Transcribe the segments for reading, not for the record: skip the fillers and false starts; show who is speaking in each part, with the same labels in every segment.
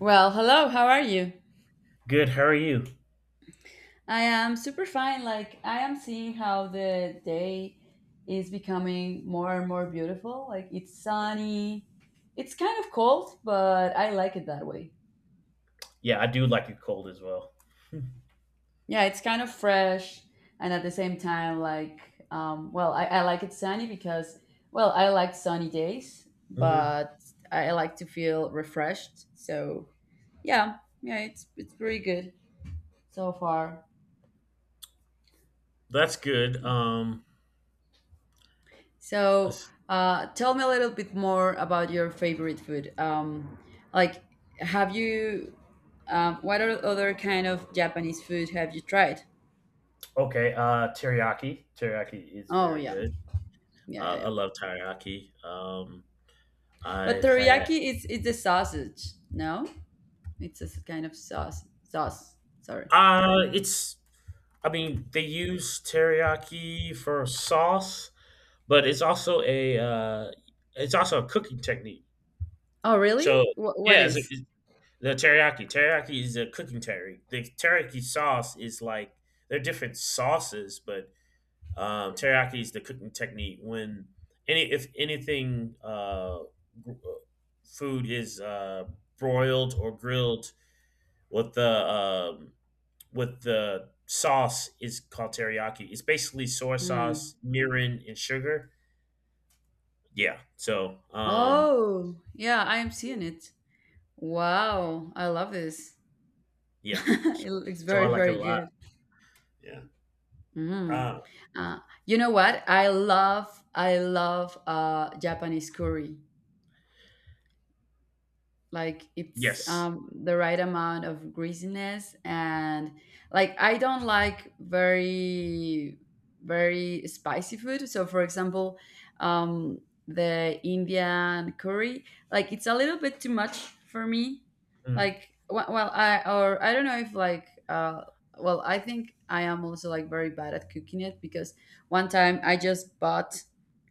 Speaker 1: Well, hello, how are you?
Speaker 2: Good. How are you?
Speaker 1: I am super fine. Like, I am seeing how the day is becoming more and more beautiful. Like, it's sunny. It's kind of cold, but I like it that way.
Speaker 2: Yeah, I do like it cold as well.
Speaker 1: Yeah, it's kind of fresh. And at the same time, like, well, I like it sunny because, well, I like sunny days,
Speaker 2: hmm
Speaker 1: but I like to feel refreshed. So, yeah, yeah, it's pretty good so far.
Speaker 2: That's good.
Speaker 1: So,
Speaker 2: Let's-
Speaker 1: tell me a little bit more about your favorite food. Like, have you, what are other kind of Japanese food have you tried?
Speaker 2: Okay. Teriyaki. Teriyaki is
Speaker 1: Oh
Speaker 2: very
Speaker 1: yeah,
Speaker 2: good.
Speaker 1: yeah,
Speaker 2: I
Speaker 1: yeah, yeah.
Speaker 2: I love teriyaki.
Speaker 1: But
Speaker 2: I've had.
Speaker 1: teriyaki is the sausage. No, kind of sauce. Sauce. Sorry.
Speaker 2: It's. I mean, they use teriyaki for sauce, but it's also a cooking technique.
Speaker 1: Oh really?
Speaker 2: So
Speaker 1: What
Speaker 2: yeah,
Speaker 1: is?
Speaker 2: it's, the teriyaki. Teriyaki is a cooking technique. The teriyaki sauce is like they're different sauces, but teriyaki is the cooking technique when any if anything gr- uh, food is broiled or grilled with the um, with the sauce is called teriyaki. It's basically soy
Speaker 1: Hmm.
Speaker 2: sauce, mirin, and sugar. Yeah.
Speaker 1: Oh yeah, I am seeing it. Wow, I love this.
Speaker 2: Yeah.
Speaker 1: It
Speaker 2: So
Speaker 1: looks
Speaker 2: so I
Speaker 1: very
Speaker 2: like it
Speaker 1: very
Speaker 2: a lot.
Speaker 1: good.
Speaker 2: Yeah.
Speaker 1: Mm.
Speaker 2: Uh,
Speaker 1: Uh, you know what? I love Japanese curry, like it's
Speaker 2: yes.
Speaker 1: the right amount of greasiness and like I don't like very very spicy food. So for example, um the Indian curry, like it's a little bit too much for me.
Speaker 2: Mm,
Speaker 1: Well, I don't know if like well, I think I am also like very bad at cooking it, because one time I just bought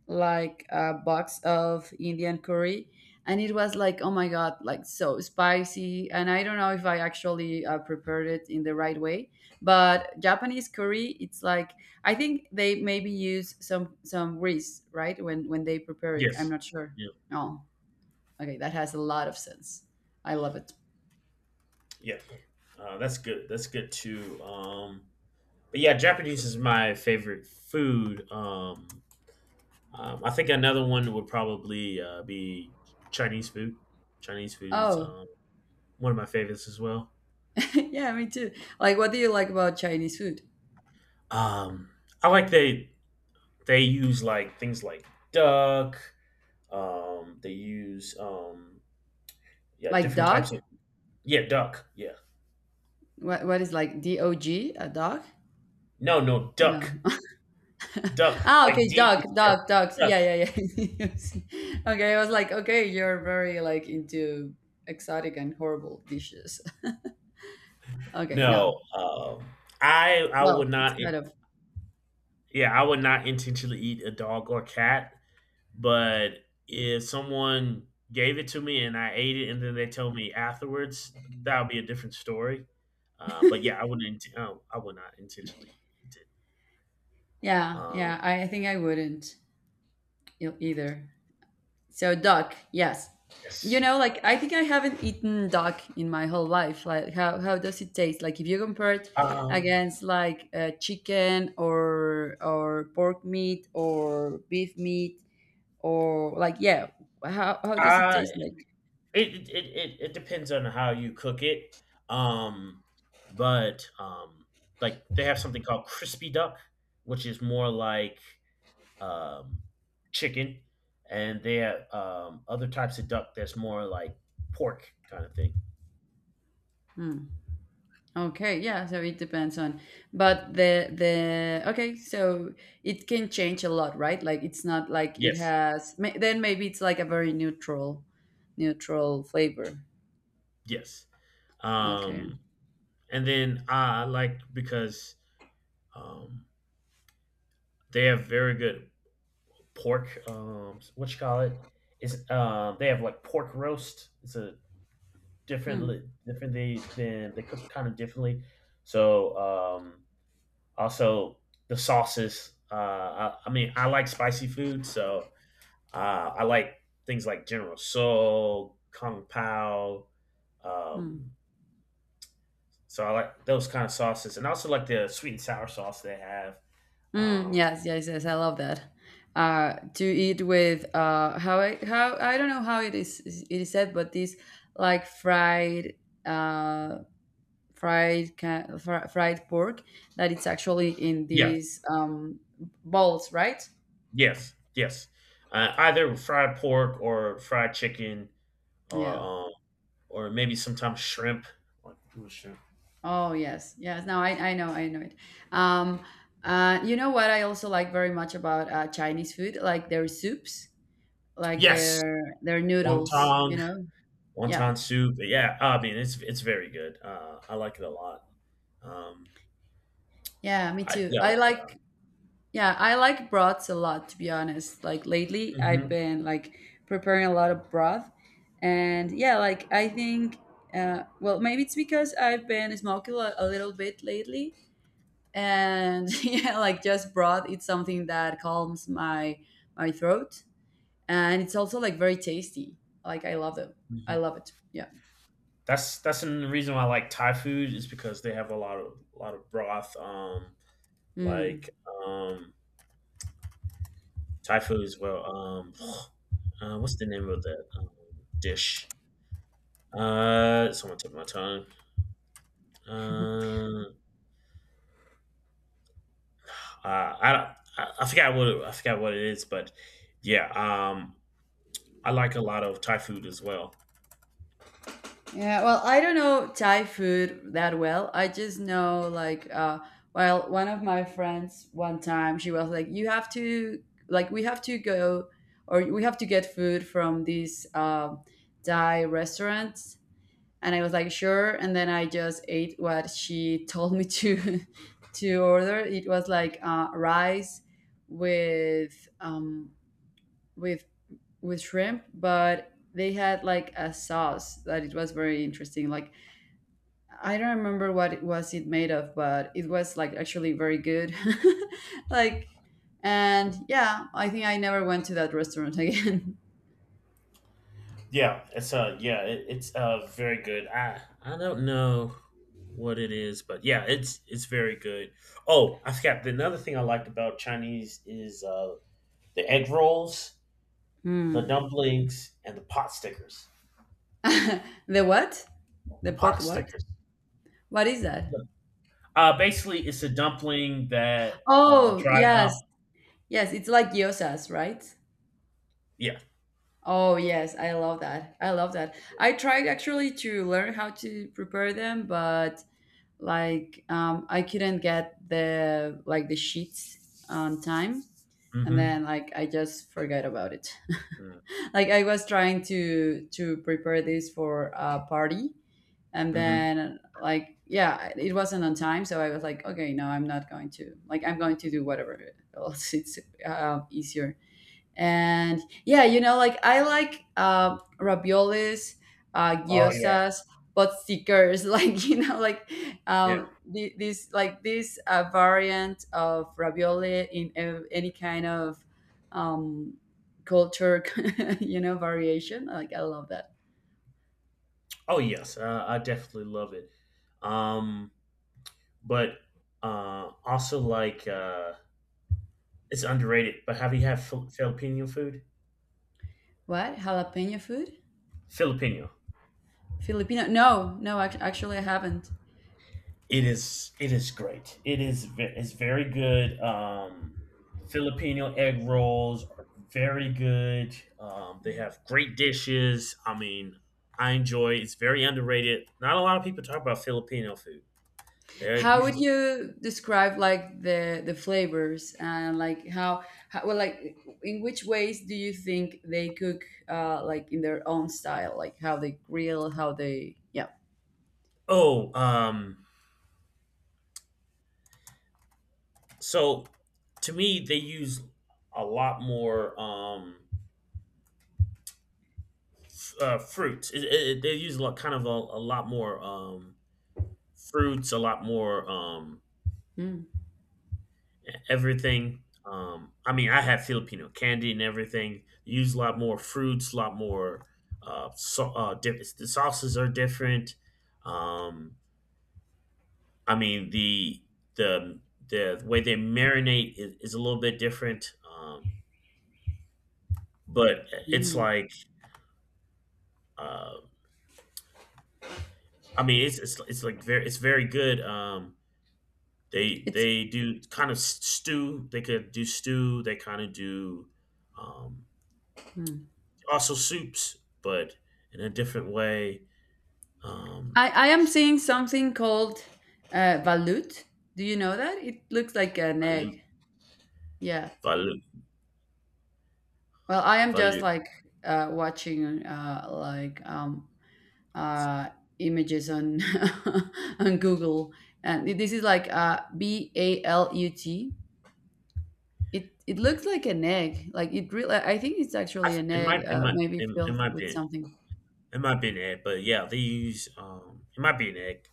Speaker 1: like a box of Indian curry and it was like, oh my god, like so spicy. And I don't know if I actually prepared it in the right way. But Japanese curry, it's like I think they maybe use some grease right when they prepare it. I'm
Speaker 2: yes.
Speaker 1: not sure.
Speaker 2: Yeah.
Speaker 1: Oh, okay, that has a lot of sense. I love it.
Speaker 2: Yeah. That's good. That's good too. But yeah, Japanese is my favorite food. I think another one would probably be Chinese food. Chinese food is
Speaker 1: Oh,
Speaker 2: one of my favorites as well.
Speaker 1: yeah, me too. Like, what do you like about Chinese food?
Speaker 2: Um, I like they use like things like duck. They use yeah
Speaker 1: Like
Speaker 2: different
Speaker 1: dog?
Speaker 2: types of yeah, duck, yeah.
Speaker 1: What is like DOG? A dog?
Speaker 2: No, no,
Speaker 1: No.
Speaker 2: duck. Duck
Speaker 1: Ah,
Speaker 2: like
Speaker 1: okay,
Speaker 2: D
Speaker 1: duck,
Speaker 2: U C K,
Speaker 1: duck, ducks.
Speaker 2: duck.
Speaker 1: Yeah, yeah, yeah. Okay, I was like, okay, you're very like into exotic and horrible dishes. Okay,
Speaker 2: No,
Speaker 1: no.
Speaker 2: I I
Speaker 1: Well,
Speaker 2: would
Speaker 1: it's
Speaker 2: not.
Speaker 1: kind of
Speaker 2: Yeah, I would not intentionally eat a dog or cat. But if someone gave it to me and I ate it and then they tell me afterwards, that would be a different story. But yeah, I would not intentionally eat it.
Speaker 1: yeah,
Speaker 2: Um,
Speaker 1: yeah. I think I wouldn't either. So duck, yes. You
Speaker 2: yes,
Speaker 1: know, like
Speaker 2: like
Speaker 1: I think I haven't eaten duck in my whole life. Like, how does it taste? Like, if you compare it
Speaker 2: um,
Speaker 1: against like chicken or pork meat or beef meat or like, yeah, how does it
Speaker 2: I
Speaker 1: taste like?
Speaker 2: it, it depends on how you cook it. Um, but like they have something called crispy duck, which is more like um, chicken, and they have other types of duck that's more like pork kind of thing.
Speaker 1: Okay, yeah, so it depends on, but the okay, so it can change a lot, right? Like it's not like it
Speaker 2: Yes,
Speaker 1: has may, then maybe it's like a very neutral neutral flavor.
Speaker 2: yes.
Speaker 1: Okay.
Speaker 2: Um, and then I like because um, they have very good pork. What you call it? It's they have like pork roast. It's a
Speaker 1: Hmm.
Speaker 2: different different they than they cook kind of differently. So um, also the sauces. I mean, I like spicy food, so I like things like General Soul, Kung Pao.
Speaker 1: Hmm.
Speaker 2: Um, so I like those kind of sauces, and I also like the sweet and sour sauce they have.
Speaker 1: Mm,
Speaker 2: Um,
Speaker 1: yes, yes, yes. I love that. To eat with how I don't know how it is said, but this like fried uh fried pork that it's actually in
Speaker 2: yes,
Speaker 1: these bowls, right?
Speaker 2: yes, yes. Either fried pork or fried chicken, or
Speaker 1: Yeah.
Speaker 2: maybe sometimes shrimp. Like, ooh, shrimp.
Speaker 1: Oh yes, yes. No, I know, I know it. Um, you know what I also like very much about Chinese food, like their soups, like
Speaker 2: Yes,
Speaker 1: their noodles. You
Speaker 2: wonton,
Speaker 1: know. Yeah.
Speaker 2: wonton soup. Yeah, I mean it's very good. I like it a lot. Um,
Speaker 1: Yeah. Me
Speaker 2: I
Speaker 1: too.
Speaker 2: yeah, I
Speaker 1: I
Speaker 2: like it a lot.
Speaker 1: like. Yeah, I like broths a lot, to be honest. Like lately, I've
Speaker 2: hmm
Speaker 1: been like preparing a lot of broth, and yeah, like I think, well, maybe it's because I've been smoking a little bit lately, and yeah, like just broth, it's something that calms my my throat, and it's also like very tasty. Like I love them. I love it. Yeah.
Speaker 2: That's the reason why I like Thai food is because they have a lot of broth. Like
Speaker 1: Mm.
Speaker 2: um, Thai food as well. What's the name of that dish? Someone took my tongue. Um, I don't. I forgot what it, I forgot what it is, but yeah, I like a lot of Thai food as well.
Speaker 1: Yeah, well, I don't know Thai food that well. I just know like well, one of my friends one time she was like, you have to like we have to go or we have to get food from these Thai restaurants. And I was like sure, and then I just ate what she told me to to order. It was like rice with with with shrimp, but they had like a sauce that it was very interesting. Like I don't remember what it was it made of, but it was like actually very good. Like, and yeah, I think I never went to that restaurant again.
Speaker 2: Yeah, it's very good. I don't know what it is, but yeah, it's very good. Oh, I forgot the another thing I liked about Chinese is the egg rolls, the
Speaker 1: Hmm.
Speaker 2: dumplings, and the pot stickers.
Speaker 1: The what? The
Speaker 2: The
Speaker 1: pot
Speaker 2: pot
Speaker 1: what?
Speaker 2: stickers.
Speaker 1: What is that?
Speaker 2: Basically it's a dumpling that
Speaker 1: Oh,
Speaker 2: dried
Speaker 1: yes.
Speaker 2: up.
Speaker 1: Yes, it's like gyozas, right?
Speaker 2: Yeah.
Speaker 1: Oh, yes, I love that. I love that. I tried actually to learn how to prepare them, but like I couldn't get the like the sheets on time, and
Speaker 2: Mhm.
Speaker 1: then like I just forgot about it.
Speaker 2: Mm.
Speaker 1: Like I was trying to prepare this for a party, and
Speaker 2: Mhm.
Speaker 1: then like yeah, it wasn't on time. So I was like, okay, no, I'm not going to, like I'm going to do whatever else. It's easier. And yeah, you know, like I like raviolis,
Speaker 2: Oh yeah.
Speaker 1: gyozas, but stickers, like you know, like
Speaker 2: Yeah.
Speaker 1: this like this variant of ravioli in any kind of um, culture, you know, variation. Like I love that.
Speaker 2: Oh yes. I definitely love it. Um but also like uh, it's underrated, but have you had Filipino food?
Speaker 1: What jalapeno food?
Speaker 2: Filipino.
Speaker 1: Filipino? No, no, actually I haven't.
Speaker 2: It is. It is great. It's very good. Filipino egg rolls are very good. They have great dishes. I mean, I enjoy. It's very underrated. Not a lot of people talk about Filipino food. They're
Speaker 1: How would
Speaker 2: usually
Speaker 1: you describe like the flavors and like how well like in which ways do you think they cook like in their own style, like how they grill, how they, yeah.
Speaker 2: oh. So to me, they use a lot more fruits. They use a lot, kind of a lot more fruits, a lot more
Speaker 1: Mm,
Speaker 2: everything. I mean, I had Filipino candy and everything. Use a lot more fruits, a lot more. So, the sauces are different. Um, I mean, the the way they marinate is a little bit different. But it's
Speaker 1: mm.
Speaker 2: like, uh, I mean, it's like very, it's very good. They
Speaker 1: It's
Speaker 2: they do kind of stew. They could do stew. They kind of do. Um, also soups, but in a different way. Um,
Speaker 1: I am seeing something called balut. Do you know that? It looks like an
Speaker 2: Valu,
Speaker 1: egg. Yeah,
Speaker 2: Valu,
Speaker 1: well, I am just
Speaker 2: Valu.
Speaker 1: like watching like uh, images on on Google, and this is like BALUT. It it looks like an egg. Like it really, I think it's actually an
Speaker 2: It
Speaker 1: egg,
Speaker 2: might, it might,
Speaker 1: maybe
Speaker 2: it,
Speaker 1: filled with something.
Speaker 2: it might be an egg, but yeah, they use. It might be an egg.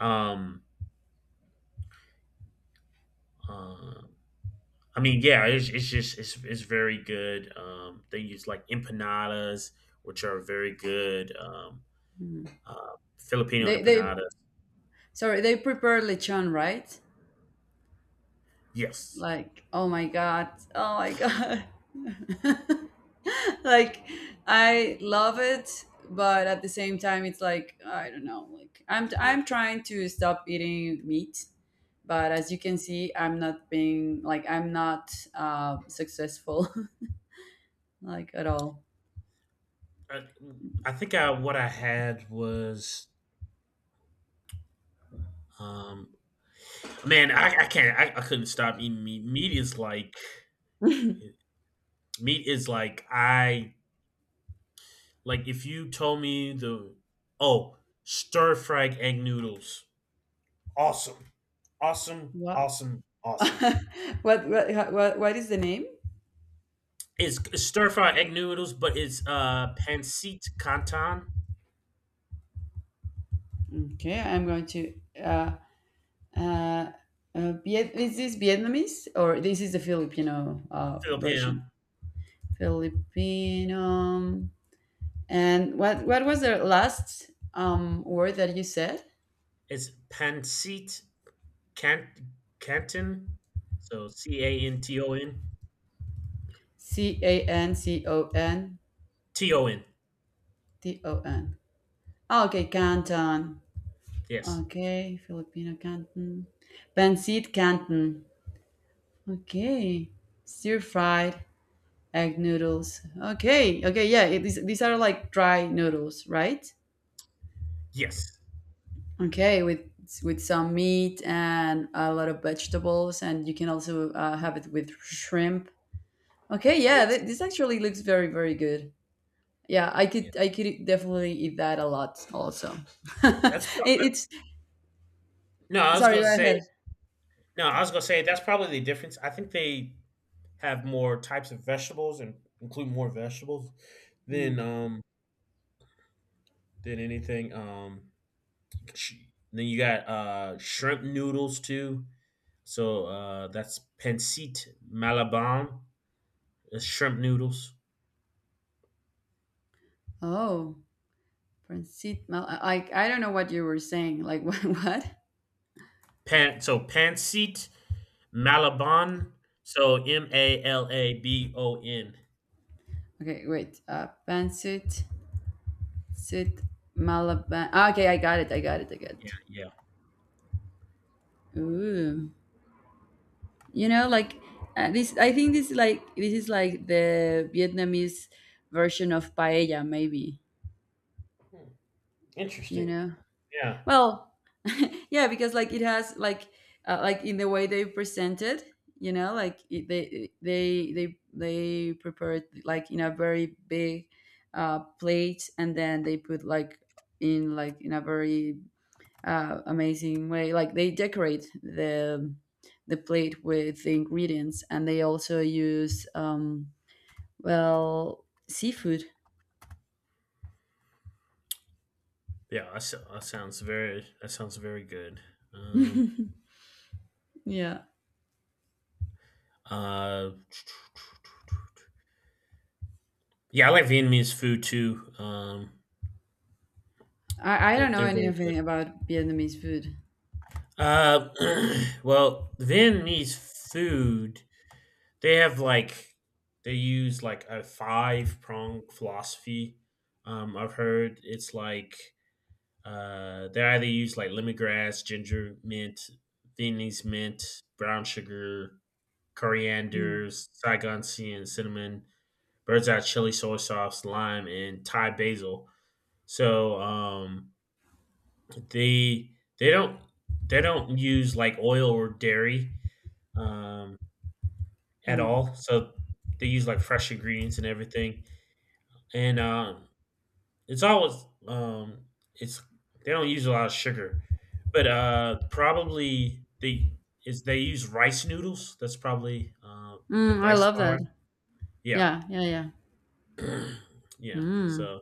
Speaker 2: Um, uh, I mean, yeah, it's it's very good. They use like empanadas, which are very good. Uh, Filipino
Speaker 1: They
Speaker 2: empanadas.
Speaker 1: sorry, they prepare lechon, right?
Speaker 2: Yes.
Speaker 1: Like oh my god, oh my god. Like I love it, but at the same time it's like I don't know, like i'm
Speaker 2: Yeah.
Speaker 1: i'm trying to stop eating meat, but as you can see, I'm not being like, I'm not successful, like at all.
Speaker 2: I, I think I, what I had was um, man, I can't. I couldn't stop eating meat. Meat is like I like if you told me the oh, stir fried egg noodles, awesome, awesome,
Speaker 1: What?
Speaker 2: awesome, awesome.
Speaker 1: What what is the name?
Speaker 2: It's stir fried egg noodles, but it's pancit canton.
Speaker 1: Okay, I'm going to uh uh, Viet- is this Vietnamese or this is the Filipino version?
Speaker 2: Filipino.
Speaker 1: Filipino. And what was the last word that you said?
Speaker 2: It's pancit can canton, so C A N T O N
Speaker 1: C A N C O N
Speaker 2: T O N.
Speaker 1: T O N. Ah, okay, Canton.
Speaker 2: Yes,
Speaker 1: Okay, Filipino Canton. Pancit Canton. Okay, stir fried egg noodles. Okay, okay, yeah, it, these are like dry noodles, right?
Speaker 2: yes,
Speaker 1: Okay, with some meat and a lot of vegetables, and you can also have it with shrimp. Okay, yeah,
Speaker 2: yes.
Speaker 1: this actually looks very very good. Yeah, I could
Speaker 2: Yeah.
Speaker 1: I could definitely eat that a lot also.
Speaker 2: That's pro-
Speaker 1: It, it's
Speaker 2: no. I was
Speaker 1: sorry,
Speaker 2: gonna
Speaker 1: go ahead.
Speaker 2: say no, I was gonna say that's probably the difference. I think they have more types of vegetables and include more vegetables than
Speaker 1: Hmm.
Speaker 2: um than anything. Sh- then you got shrimp noodles too. So that's pancit malabon, is shrimp noodles.
Speaker 1: Oh, pancit I don't know what you were saying, like what what.
Speaker 2: Pancit malabon. So Malabon.
Speaker 1: Okay, wait, pancit sit malaban. Ah, okay, I got it, I got it, I got it.
Speaker 2: Yeah, yeah.
Speaker 1: Ooh. You know like this I think this is like the Vietnamese version of paella maybe.
Speaker 2: Hmm,
Speaker 1: You
Speaker 2: interesting.
Speaker 1: know,
Speaker 2: Yeah,
Speaker 1: well yeah, because like it has like in the way they present it, you know, like it, they prepare it like in a very big plate, and then they put like in a very amazing way, like they decorate the plate with the ingredients, and they also use well, seafood.
Speaker 2: yeah. That sounds very. That sounds very good. Um,
Speaker 1: Yeah,
Speaker 2: Uh, yeah, I like Vietnamese food too.
Speaker 1: I
Speaker 2: They're,
Speaker 1: don't know
Speaker 2: they're very good.
Speaker 1: anything about Vietnamese food.
Speaker 2: Uh, well, Vietnamese food, they have like, they use like a five prong philosophy. I've heard it's like, they either use like lemongrass, ginger, mint, Vietnamese mint, brown sugar,
Speaker 1: Hmm.
Speaker 2: coriander, Saigon sea and cinnamon, bird's eye chili, soy sauce, lime, and Thai basil. So, they they don't they don't use, like, oil or dairy, um, at
Speaker 1: Hmm.
Speaker 2: all, so they use, like, fresh ingredients and everything, and, it's always, it's they don't use a lot of sugar, but, probably they is they use rice noodles, that's probably, uh,
Speaker 1: Mm,
Speaker 2: and
Speaker 1: I
Speaker 2: rice
Speaker 1: love that.
Speaker 2: flour. Yeah.
Speaker 1: Yeah, yeah, yeah.
Speaker 2: Yeah,
Speaker 1: Mm,
Speaker 2: so,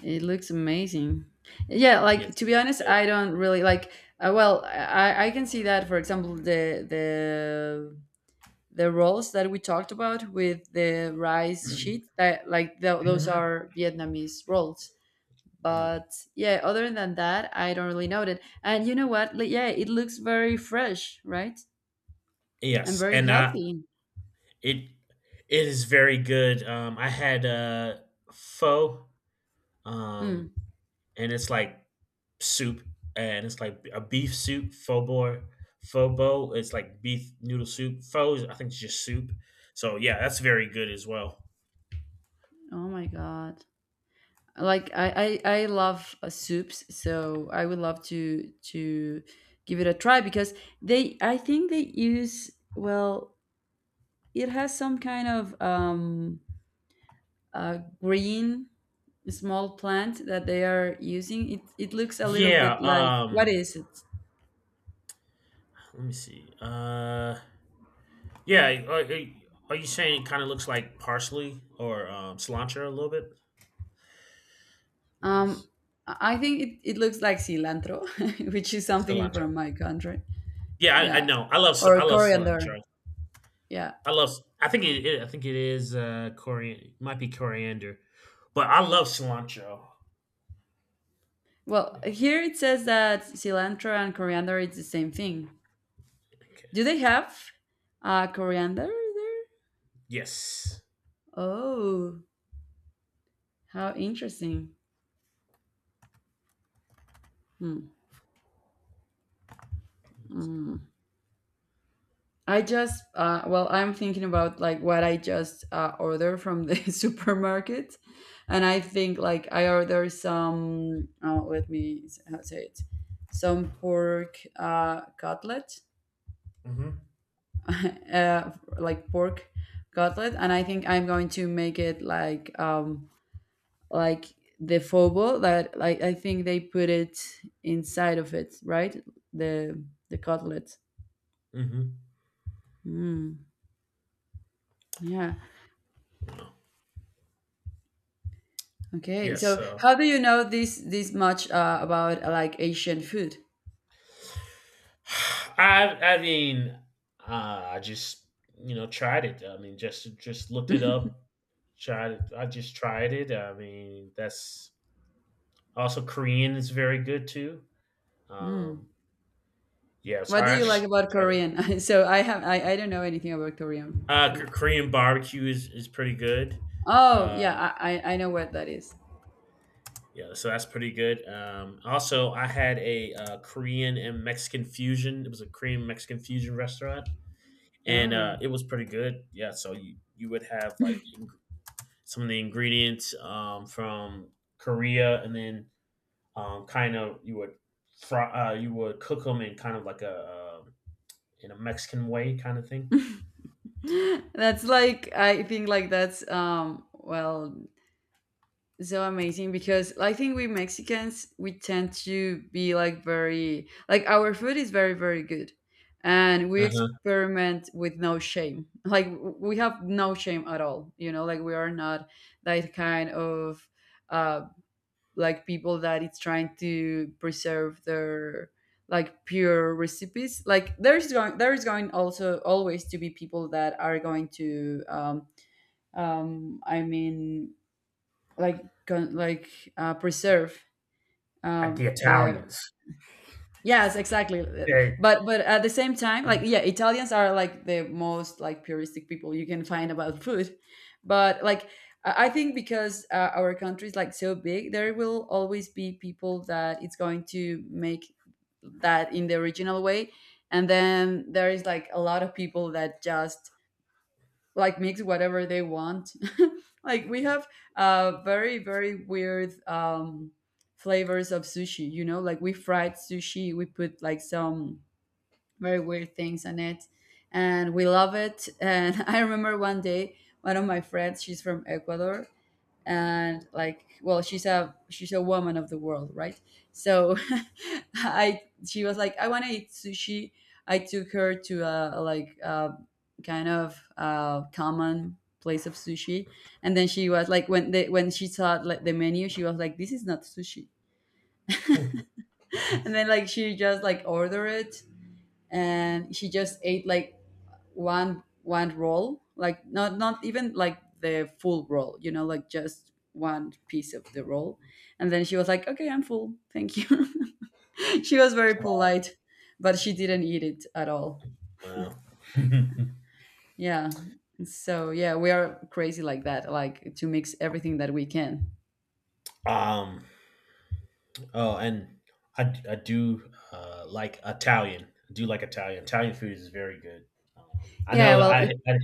Speaker 1: it looks amazing. Yeah,
Speaker 2: yes,
Speaker 1: like to be honest,
Speaker 2: good.
Speaker 1: I don't really like. Well, I can see that. For example, the rolls that we talked about with the rice sheet that like those
Speaker 2: Mhm.
Speaker 1: are Vietnamese rolls.
Speaker 2: Mm.
Speaker 1: But yeah, other than that, I don't really know it. And you know what? Like, yeah, it looks very fresh, right? And
Speaker 2: Yes,
Speaker 1: very
Speaker 2: and I,
Speaker 1: healthy.
Speaker 2: It it is very good. I had pho,
Speaker 1: Mm.
Speaker 2: um, and it's like soup, and it's like a beef soup, pho boy, pho bo. It's like beef noodle soup. Pho, is, I think, it's just soup. So yeah, that's very good as well.
Speaker 1: Oh my god. Like I love soups, so I would love to give it a try, because they, I think they use, well, it has some kind of green small plant that they are using. It looks a little
Speaker 2: Yeah.
Speaker 1: bit like, what is it?
Speaker 2: Let me see. Yeah. Are you saying it kind of looks like parsley or cilantro a little bit?
Speaker 1: um i
Speaker 2: Please,
Speaker 1: I think it, it looks like cilantro which is something
Speaker 2: cilantro.
Speaker 1: from my country.
Speaker 2: Yeah, I
Speaker 1: Yeah,
Speaker 2: know. I love
Speaker 1: or
Speaker 2: I love
Speaker 1: coriander,
Speaker 2: cilantro.
Speaker 1: yeah.
Speaker 2: I love. I think it. I think it is coriander. Might be coriander, but I love cilantro.
Speaker 1: Well,
Speaker 2: Yeah.
Speaker 1: here it says that cilantro and coriander is the same thing.
Speaker 2: Okay.
Speaker 1: Do they have coriander there?
Speaker 2: Yes.
Speaker 1: Oh, how interesting. Hmm, hmm. I just, well, I'm thinking about like what I just ordered from the supermarket. And I think like I ordered some, oh, let me how to say it, some pork cutlet,
Speaker 2: Mm-hmm.
Speaker 1: uh, like pork cutlet. And I think I'm going to make it like the fobo that like I think they put it inside of it, right? The the cutlet.
Speaker 2: Mm-hmm.
Speaker 1: Mm, yeah. Okay.
Speaker 2: Yes.
Speaker 1: So
Speaker 2: So,
Speaker 1: how do you know this much about like Asian food?
Speaker 2: I. I mean, I just you know tried it. I mean, just looked it up. Tried it. I just tried it. I mean, that's also Korean is very good too. Um. Yeah. So
Speaker 1: What do
Speaker 2: I
Speaker 1: you like
Speaker 2: just
Speaker 1: about
Speaker 2: tried it.
Speaker 1: Korean? So I don't know anything about Korean food.
Speaker 2: Korean barbecue is pretty good.
Speaker 1: Oh
Speaker 2: Uh,
Speaker 1: yeah, I know what that is.
Speaker 2: yeah, so that's pretty good. Also, I had a Korean and Mexican fusion. It was a Korean Mexican fusion restaurant, and
Speaker 1: Oh.
Speaker 2: it was pretty good. Yeah, so you would have some of the ingredients from Korea, and then kind of you would fry, you would cook them in kind of like a in a Mexican way kind of thing.
Speaker 1: That's like I think like that's well so amazing because I think we Mexicans, we tend to be like very, like our food is very, very good, and we
Speaker 2: Uh-huh.
Speaker 1: experiment with no shame. Like we have no shame at all, you know, like we are not that kind of uh like people that it's trying to preserve their like pure recipes. Like there is going also always to be people that are going to um i mean like like preserve
Speaker 2: Like the
Speaker 1: the,
Speaker 2: Italians.
Speaker 1: yes exactly. Uh,
Speaker 2: Yeah.
Speaker 1: but but at the same time, like yeah, Italians are like the most like puristic people you can find about food, but like I think because our country is like so big, there will always be people that it's going to make that in the original way, and then there is like a lot of people that just like mix whatever they want. Like we have very, very weird flavors of sushi. You know, like we fried sushi, we put like some very weird things on it, and we love it. And I remember one day one of my friends, she's from Ecuador, and like well she's a woman of the world, right? So I she was like, I want to eat sushi. I took her to a like a kind of common place of sushi, and then she was like, when they, when she saw like the menu, she was like, this is not sushi. And then like she just like ordered it, and she just ate like one roll, like not even like the full roll, you know, like just one piece of the roll. And then she was like, okay, I'm full, thank you. She was very
Speaker 2: Wow.
Speaker 1: polite, but she didn't eat it at all.
Speaker 2: Wow.
Speaker 1: Yeah, so yeah, we are crazy like that, like to mix everything that we can.
Speaker 2: um. Oh, and I do like Italian. I do like Italian. Italian food is very good. Um, I
Speaker 1: Yeah
Speaker 2: know that
Speaker 1: well,
Speaker 2: I,
Speaker 1: it,
Speaker 2: I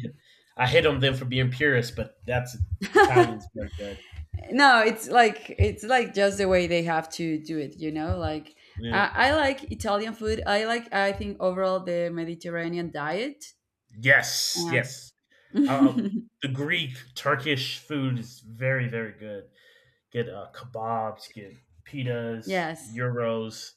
Speaker 2: I hit on them for being purists, but that's Italian's very good.
Speaker 1: no it's like, it's like just the way they have to do it, you know, like
Speaker 2: Yeah.
Speaker 1: I like Italian food. I like, I think overall the Mediterranean diet.
Speaker 2: Yes. Yes. Uh, uh, the Greek Turkish food is very very good. Get kebabs. Get pitas.
Speaker 1: Yes.
Speaker 2: Euros.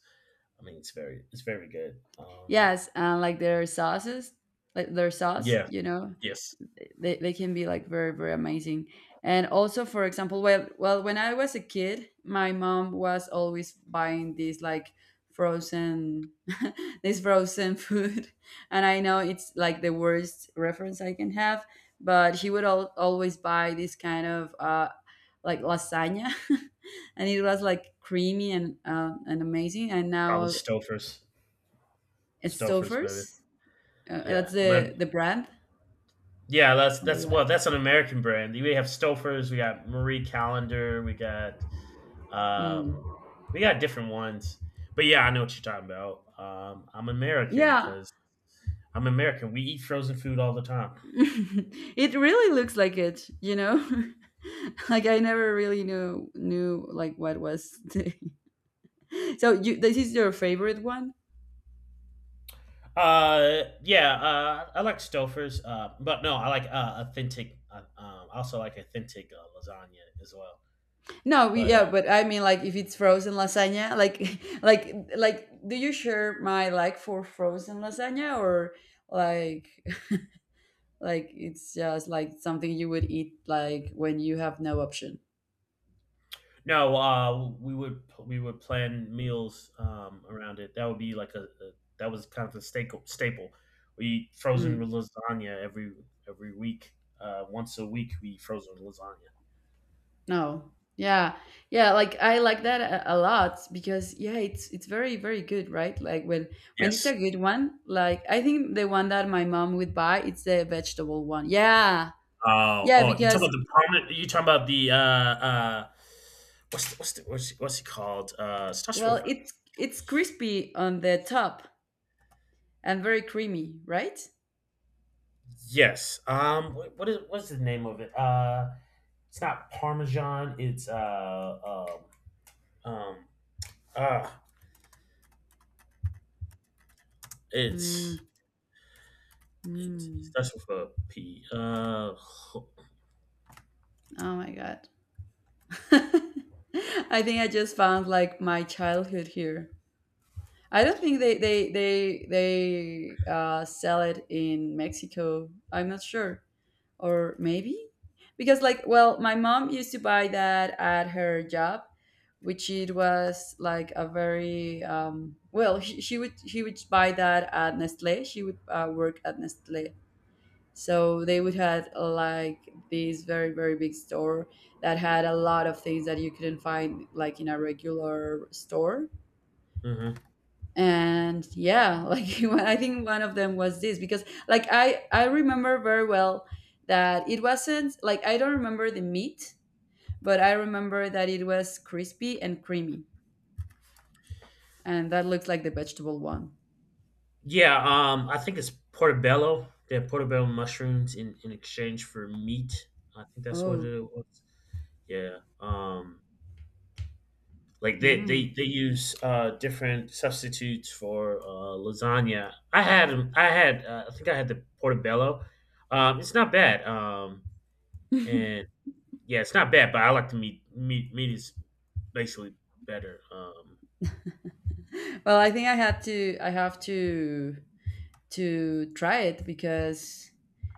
Speaker 2: It's very it's very good.
Speaker 1: Yes. And like their sauces, like their sauce,
Speaker 2: Yeah.
Speaker 1: you know,
Speaker 2: Yes.
Speaker 1: they can be like very, very amazing. And also, for example, well, when I was a kid, my mom was always buying these like frozen, this frozen food. And I know it's like the worst reference I can have, but she would always buy this kind of like lasagna. And it was like creamy and amazing. And
Speaker 2: Probably
Speaker 1: now
Speaker 2: Stouffer's. Stouffer's maybe.
Speaker 1: Stouffer's?
Speaker 2: Yeah,
Speaker 1: That's
Speaker 2: my,
Speaker 1: the brand
Speaker 2: yeah.
Speaker 1: or
Speaker 2: That's
Speaker 1: what?
Speaker 2: well. That's an American brand. We have Stouffer's. We got Marie Calendar. Um,
Speaker 1: Mm.
Speaker 2: we got different ones. But yeah, I know what you're talking about.
Speaker 1: Yeah,
Speaker 2: I'm American. We eat frozen food all the time.
Speaker 1: it really looks like it. You know, like I never really knew like what was. The... So you, this is your favorite one?
Speaker 2: Yeah. I like Stouffer's. But no, I like authentic. Also like authentic lasagna as well.
Speaker 1: No,
Speaker 2: But
Speaker 1: yeah, but I mean, like if it's frozen lasagna, like like do you share my like for frozen lasagna or like like it's just like something you would eat like when you have no option?
Speaker 2: no, we would plan meals around it. That would be like a that was kind of a staple. Staple. We eat frozen
Speaker 1: Mm.
Speaker 2: lasagna every week. Once a week, we eat frozen lasagna.
Speaker 1: No. Yeah. Yeah, like I like that a lot because yeah, it's very, very good, right? Like when it's
Speaker 2: Yes.
Speaker 1: a good one, like I think the one that my mom would buy, it's the vegetable one. Yeah.
Speaker 2: Oh,
Speaker 1: Yeah,
Speaker 2: oh, you talking
Speaker 1: because
Speaker 2: about the prominent? You talking about the what's he called? Stash
Speaker 1: well,
Speaker 2: River.
Speaker 1: it's crispy on the top and very creamy, right?
Speaker 2: Yes. What's the name of it? It's not Parmesan. It's um, um, ah,
Speaker 1: Mm,
Speaker 2: it's it
Speaker 1: mm.
Speaker 2: starts with a P.
Speaker 1: Oh my God. I think I just found like my childhood here. I don't think they sell it in Mexico. I'm not sure, or maybe because like well, my mom used to buy that at her job, which it was like a very well. She would buy that at Nestle. She would work at Nestle, so they would had like this very, very big store that had a lot of things that you couldn't find like in a regular store.
Speaker 2: Mhm.
Speaker 1: And yeah, like I think one of them was this because like I remember very well that it wasn't like, I don't remember the meat, but I remember that it was crispy and creamy, and that looked like the vegetable one.
Speaker 2: Yeah, I think it's portobello. They have portobello mushrooms in exchange for meat. I think that's what
Speaker 1: Oh.
Speaker 2: it was. Yeah. Like they,
Speaker 1: Mm.
Speaker 2: they, they use different substitutes for lasagna. I had I think I had the portobello. It's not bad. And Yeah, it's not bad. But I like the meat. Meat is basically better.
Speaker 1: Well, I think I had to, I have to try it because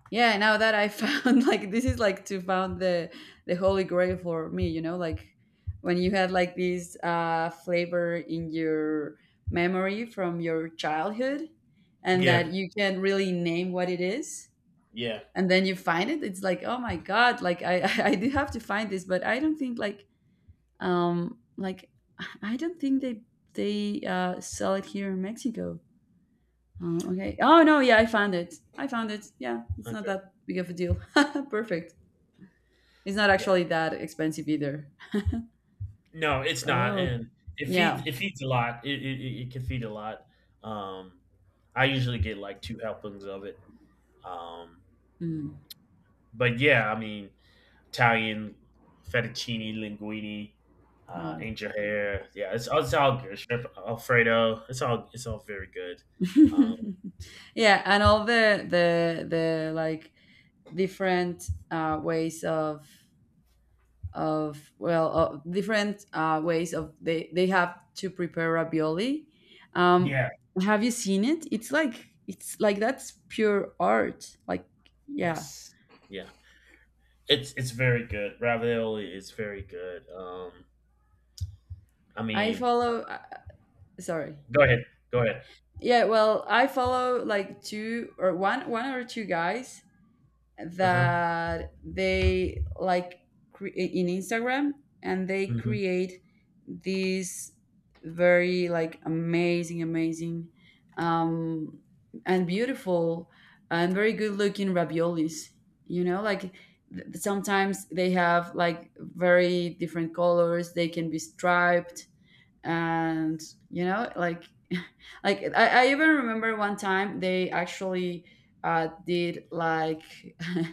Speaker 1: yeah, now that I found like this is like to found the holy grail for me, you know, like when you had like this flavor in your memory from your childhood, and
Speaker 2: Yeah.
Speaker 1: that you can really name what it is,
Speaker 2: Yeah.
Speaker 1: and then you find it, it's like, oh my god, like I I did have to find this. But I don't think like I don't think they sell it here in Mexico. Okay. Oh no, yeah, I found it. I found it. Yeah, it's not
Speaker 2: Okay.
Speaker 1: that big of a deal. Perfect. It's not
Speaker 2: Yeah.
Speaker 1: actually that expensive either.
Speaker 2: No, it's not,
Speaker 1: Oh,
Speaker 2: and it feeds
Speaker 1: yeah.
Speaker 2: it feeds a lot. It can feed a lot. Um, I usually get, like, 2 helpings of it. Um,
Speaker 1: Mm,
Speaker 2: but yeah, I mean, Italian fettuccine, linguine,
Speaker 1: no.
Speaker 2: angel hair. Yeah, it's all good. Shrimp Alfredo. It's all very good. Um
Speaker 1: Yeah, and all the like different ways of well, different ways of they have to prepare ravioli. Um,
Speaker 2: Yeah.
Speaker 1: have you seen it? It's like, it's like that's pure art. Like yeah,
Speaker 2: Yes. Yeah. It's very good. Ravioli is very good. I
Speaker 1: I
Speaker 2: mean, uh
Speaker 1: follow. Sorry.
Speaker 2: Go ahead. Go ahead.
Speaker 1: Yeah, well I follow like two or one one or two guys
Speaker 2: Uh-huh.
Speaker 1: that they like in Instagram, and they
Speaker 2: Mhm.
Speaker 1: create these very like amazing um and beautiful and very good looking raviolis, you know, like sometimes they have like very different colors, they can be striped, and you know, like like I even remember one time they actually did like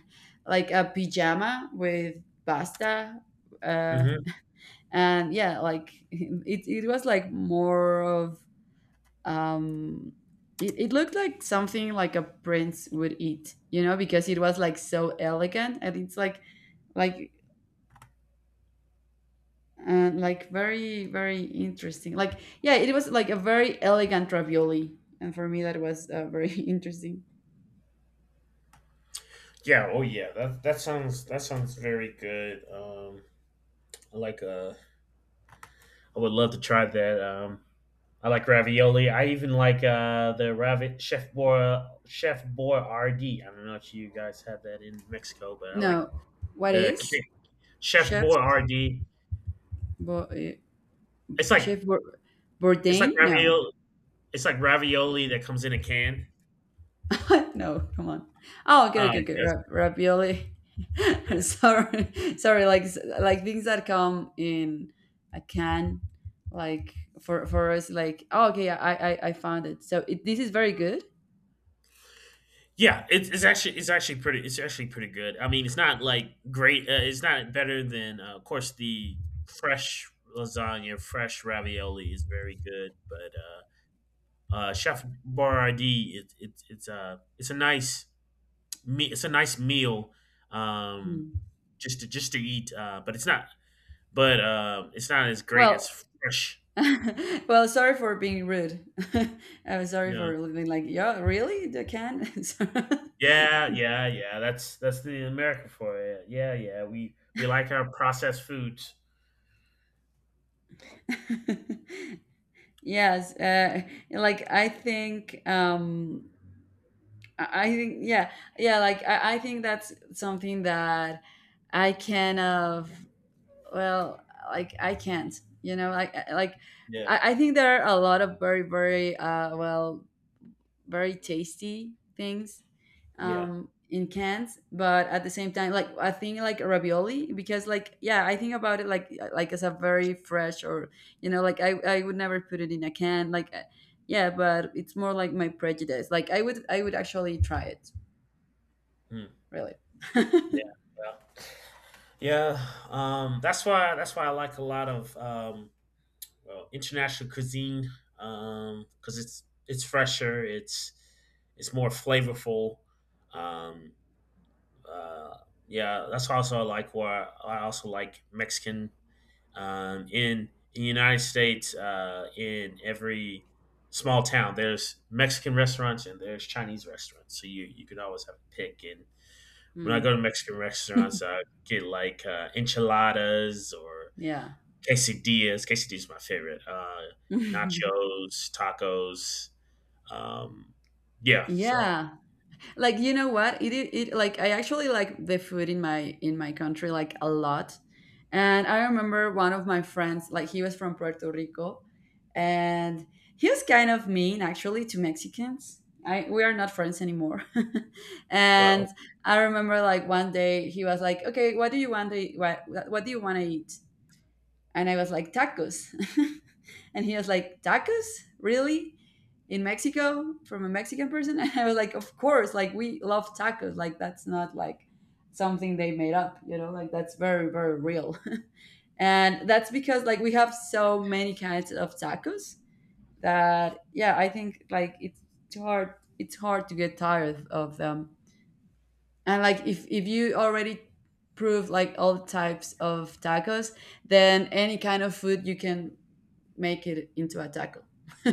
Speaker 1: like a pajama with pasta uh
Speaker 2: Mhm.
Speaker 1: and yeah, like it was like more of um it looked like something like a prince would eat, you know, because it was like so elegant and it's like and like very, very interesting. Like yeah, it was like a very elegant ravioli, and for me that was very interesting.
Speaker 2: Yeah, oh yeah. That sounds very good. I like I would love to try that. I like ravioli. I even like the ravi chef boy RD. I don't know if you guys have that in Mexico, but I like
Speaker 1: No, what
Speaker 2: the
Speaker 1: is
Speaker 2: ki- chef
Speaker 1: chef
Speaker 2: boy RD.
Speaker 1: Bo- uh,
Speaker 2: It's like
Speaker 1: chef
Speaker 2: it's like
Speaker 1: Bourdain, no?
Speaker 2: ravioli it's like ravioli that comes in a can.
Speaker 1: No, come on. oh okay
Speaker 2: Uh
Speaker 1: okay
Speaker 2: you
Speaker 1: okay
Speaker 2: guys-
Speaker 1: Ravioli.
Speaker 2: yeah.
Speaker 1: Sorry, like things that come in a can, like for us, like oh okay, yeah, I found it. So it, this is very good.
Speaker 2: Yeah, it's actually pretty good. I mean, it's not like great. It's not better than, of course, the fresh lasagna, fresh ravioli is very good. But Chef Borardi, it's a nice it's a nice meal, um,
Speaker 1: Hmm.
Speaker 2: just to eat. But it's not, but It's not as great as
Speaker 1: Well
Speaker 2: fresh.
Speaker 1: well, sorry for being rude. I'm sorry
Speaker 2: No,
Speaker 1: for being like, yeah, really? They can? So—
Speaker 2: yeah. That's the American for it. Yeah, yeah. We like our processed foods.
Speaker 1: yes. Like, I think, yeah, yeah, like, I think that's something that I can of, well, like, I can't, you know, like, like,
Speaker 2: Yeah.
Speaker 1: I think there are a lot of very, very, well, very tasty things
Speaker 2: Yeah.
Speaker 1: in cans, but at the same time, like I think like ravioli, because like yeah, I think about it like as a very fresh, or you know, like I would never put it in a can. Like yeah, but it's more like my prejudice. Like I would actually try it,
Speaker 2: Hmm.
Speaker 1: really.
Speaker 2: Yeah. Yeah. Yeah. That's why I like a lot of international cuisine, because it's fresher, it's more flavorful. Um, uh, yeah, that's also I like why I also like Mexican, in the United States, in every small town there's Mexican restaurants and there's Chinese restaurants, so you can always have a pick. And when I
Speaker 1: Hmm,
Speaker 2: go to Mexican restaurants, I get like enchiladas or
Speaker 1: yeah.
Speaker 2: quesadillas. Quesadillas is my favorite. Nachos, tacos. Um, yeah. So
Speaker 1: Yeah, like, you know what, it like I actually like the food in my country like a lot. And I remember one of my friends, like he was from Puerto Rico, and he was kind of mean actually to Mexicans. I, we are not friends anymore. And
Speaker 2: well.
Speaker 1: I remember like one day he was like, okay, what do you want to what do you want to eat? And I was like, tacos. And he was like, tacos? Really? In Mexico? From a Mexican person? And I was like, of course. Like, we love tacos. Like, that's not like something they made up, you know? Like, that's very, very real. And that's because, like, we have so many kinds of tacos that, yeah, I think, like, it's too hard. It's hard to get tired of them. And, like, if you already prove like all types of tacos, then any kind of food, you can make it into a taco.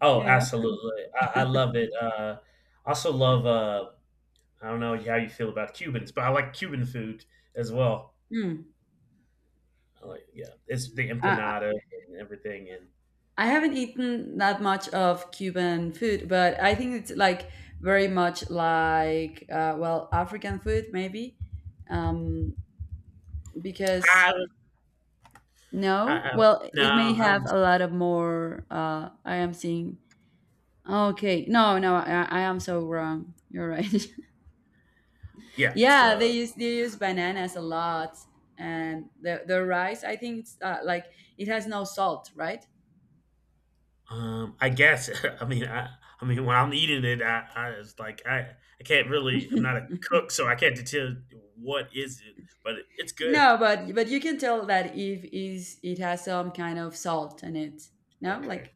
Speaker 2: Oh,
Speaker 1: know?
Speaker 2: absolutely. I love it. I also love, I don't know how you feel about Cubans, but I like Cuban food as well.
Speaker 1: Mm.
Speaker 2: I like, yeah, it's the
Speaker 1: I,
Speaker 2: empanada and everything, and
Speaker 1: I haven't eaten that much of Cuban food, but I think it's like very much like, well, African food, maybe. Um, because,
Speaker 2: I,
Speaker 1: no,
Speaker 2: I
Speaker 1: well,
Speaker 2: no,
Speaker 1: it may
Speaker 2: I
Speaker 1: have
Speaker 2: don't.
Speaker 1: a lot of more. I am seeing. Okay, no, no, I am so wrong. You're right.
Speaker 2: Yeah, it's
Speaker 1: Yeah, they use bananas a lot, and the rice. I think it's like it has no salt, right?
Speaker 2: I guess. I mean, I, I mean, when I'm eating it, I can't really. I'm not a cook, so I can't tell what is it, but it's good.
Speaker 1: No, but you can tell that if is it has some kind of salt in it. No,
Speaker 2: Okay.
Speaker 1: like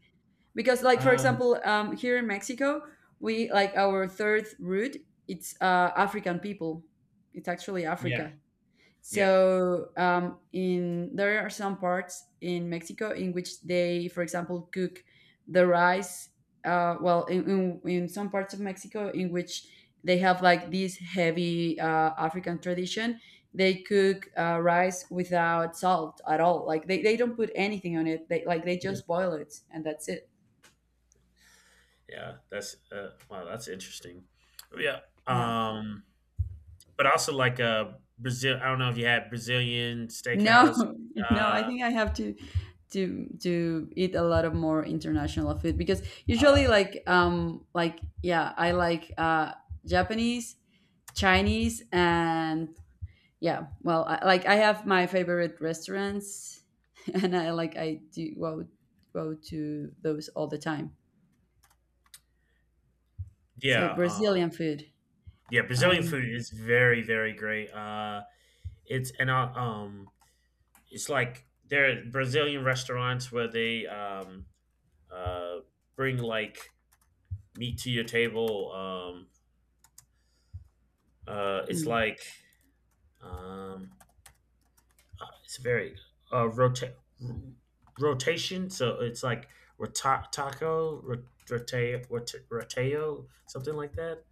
Speaker 1: because like for
Speaker 2: Um.
Speaker 1: example, here in Mexico, we like our third root. It's African people. It's actually
Speaker 2: Yeah.
Speaker 1: Africa.
Speaker 2: Yeah.
Speaker 1: So in there are some parts in Mexico in which they, for example, cook the rice. Well, in some parts of Mexico in which they have like this heavy African tradition, they cook rice without salt at all. Like they don't put anything on it. They like they
Speaker 2: Mm.
Speaker 1: just boil it, and that's it.
Speaker 2: Yeah. That's. Wow. That's interesting. Yeah.
Speaker 1: Yeah.
Speaker 2: Um. But also like Brazil. I don't know if you had Brazilian steakhouse.
Speaker 1: No, no, I
Speaker 2: Uh.
Speaker 1: think I have to eat a lot of more international food, because usually
Speaker 2: uh
Speaker 1: like yeah, I like Japanese, Chinese, and yeah, well, like I have my favorite restaurants and I like I do go to those all the time. So
Speaker 2: yeah.
Speaker 1: Brazilian food.
Speaker 2: Yeah. Brazilian
Speaker 1: Um,
Speaker 2: food is very great. It's, and I it's like there are Brazilian restaurants where they, uh, bring like meat to your table. It's
Speaker 1: hmm.
Speaker 2: like, um, it's very, uh, rota- r- rotation. So it's like rota- taco, rota- roteo, something like that.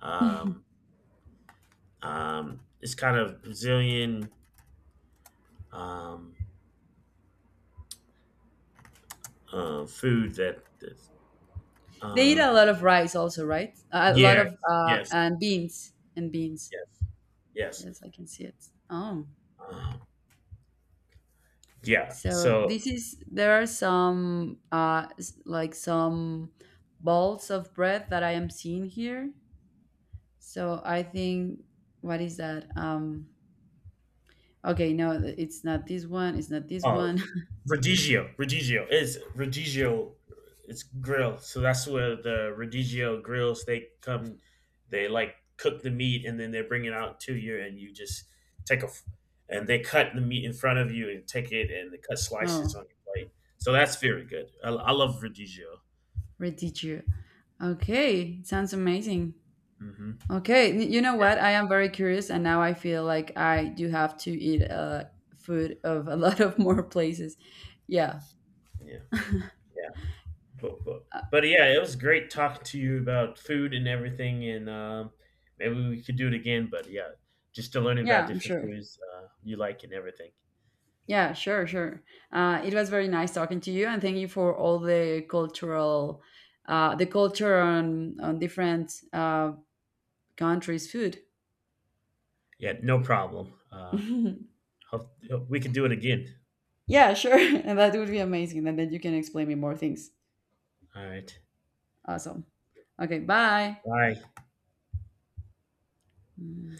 Speaker 2: Um, it's kind of Brazilian, um, food that
Speaker 1: They eat a
Speaker 2: um,
Speaker 1: lot of rice also, right? A lot
Speaker 2: yes,
Speaker 1: of
Speaker 2: yes,
Speaker 1: and beans.
Speaker 2: yes. Yes.
Speaker 1: Yes, I can see it. Oh.
Speaker 2: Yeah.
Speaker 1: So
Speaker 2: So,
Speaker 1: this is, there are some like some balls of breath that I am seeing here. So I think, what is that? Okay, no, it's not this one, it's not this
Speaker 2: uh,
Speaker 1: one.
Speaker 2: radicchio. It's grill. So that's where the radicchio grills. They come. They like cook the meat and then they bring it out to you, and you just take a. f- and they cut the meat in front of you and take it, and they cut slices
Speaker 1: Oh,
Speaker 2: on your plate. So that's very good. I love radicchio.
Speaker 1: reteacher. Okay, sounds amazing.
Speaker 2: hmm
Speaker 1: Okay, you know what?
Speaker 2: Yeah.
Speaker 1: I am very curious, and now I feel like I do have to eat food of a lot of more places. Yeah.
Speaker 2: Yeah. Yeah. Cool, cool. But yeah, it was great talking to you about food and everything, and maybe we could do it again. But yeah, just to learn
Speaker 1: Yeah,
Speaker 2: about
Speaker 1: I'm
Speaker 2: different
Speaker 1: sure.
Speaker 2: foods you like and everything.
Speaker 1: Yeah, sure, sure. It was very nice talking to you, and thank you for all the cultural, the culture on different countries' food.
Speaker 2: Yeah, no problem. Hope we could do it again.
Speaker 1: Yeah, sure, and that would be amazing, and then you can explain me more things.
Speaker 2: All right.
Speaker 1: Awesome. Okay, bye.
Speaker 2: Bye.
Speaker 1: Mm.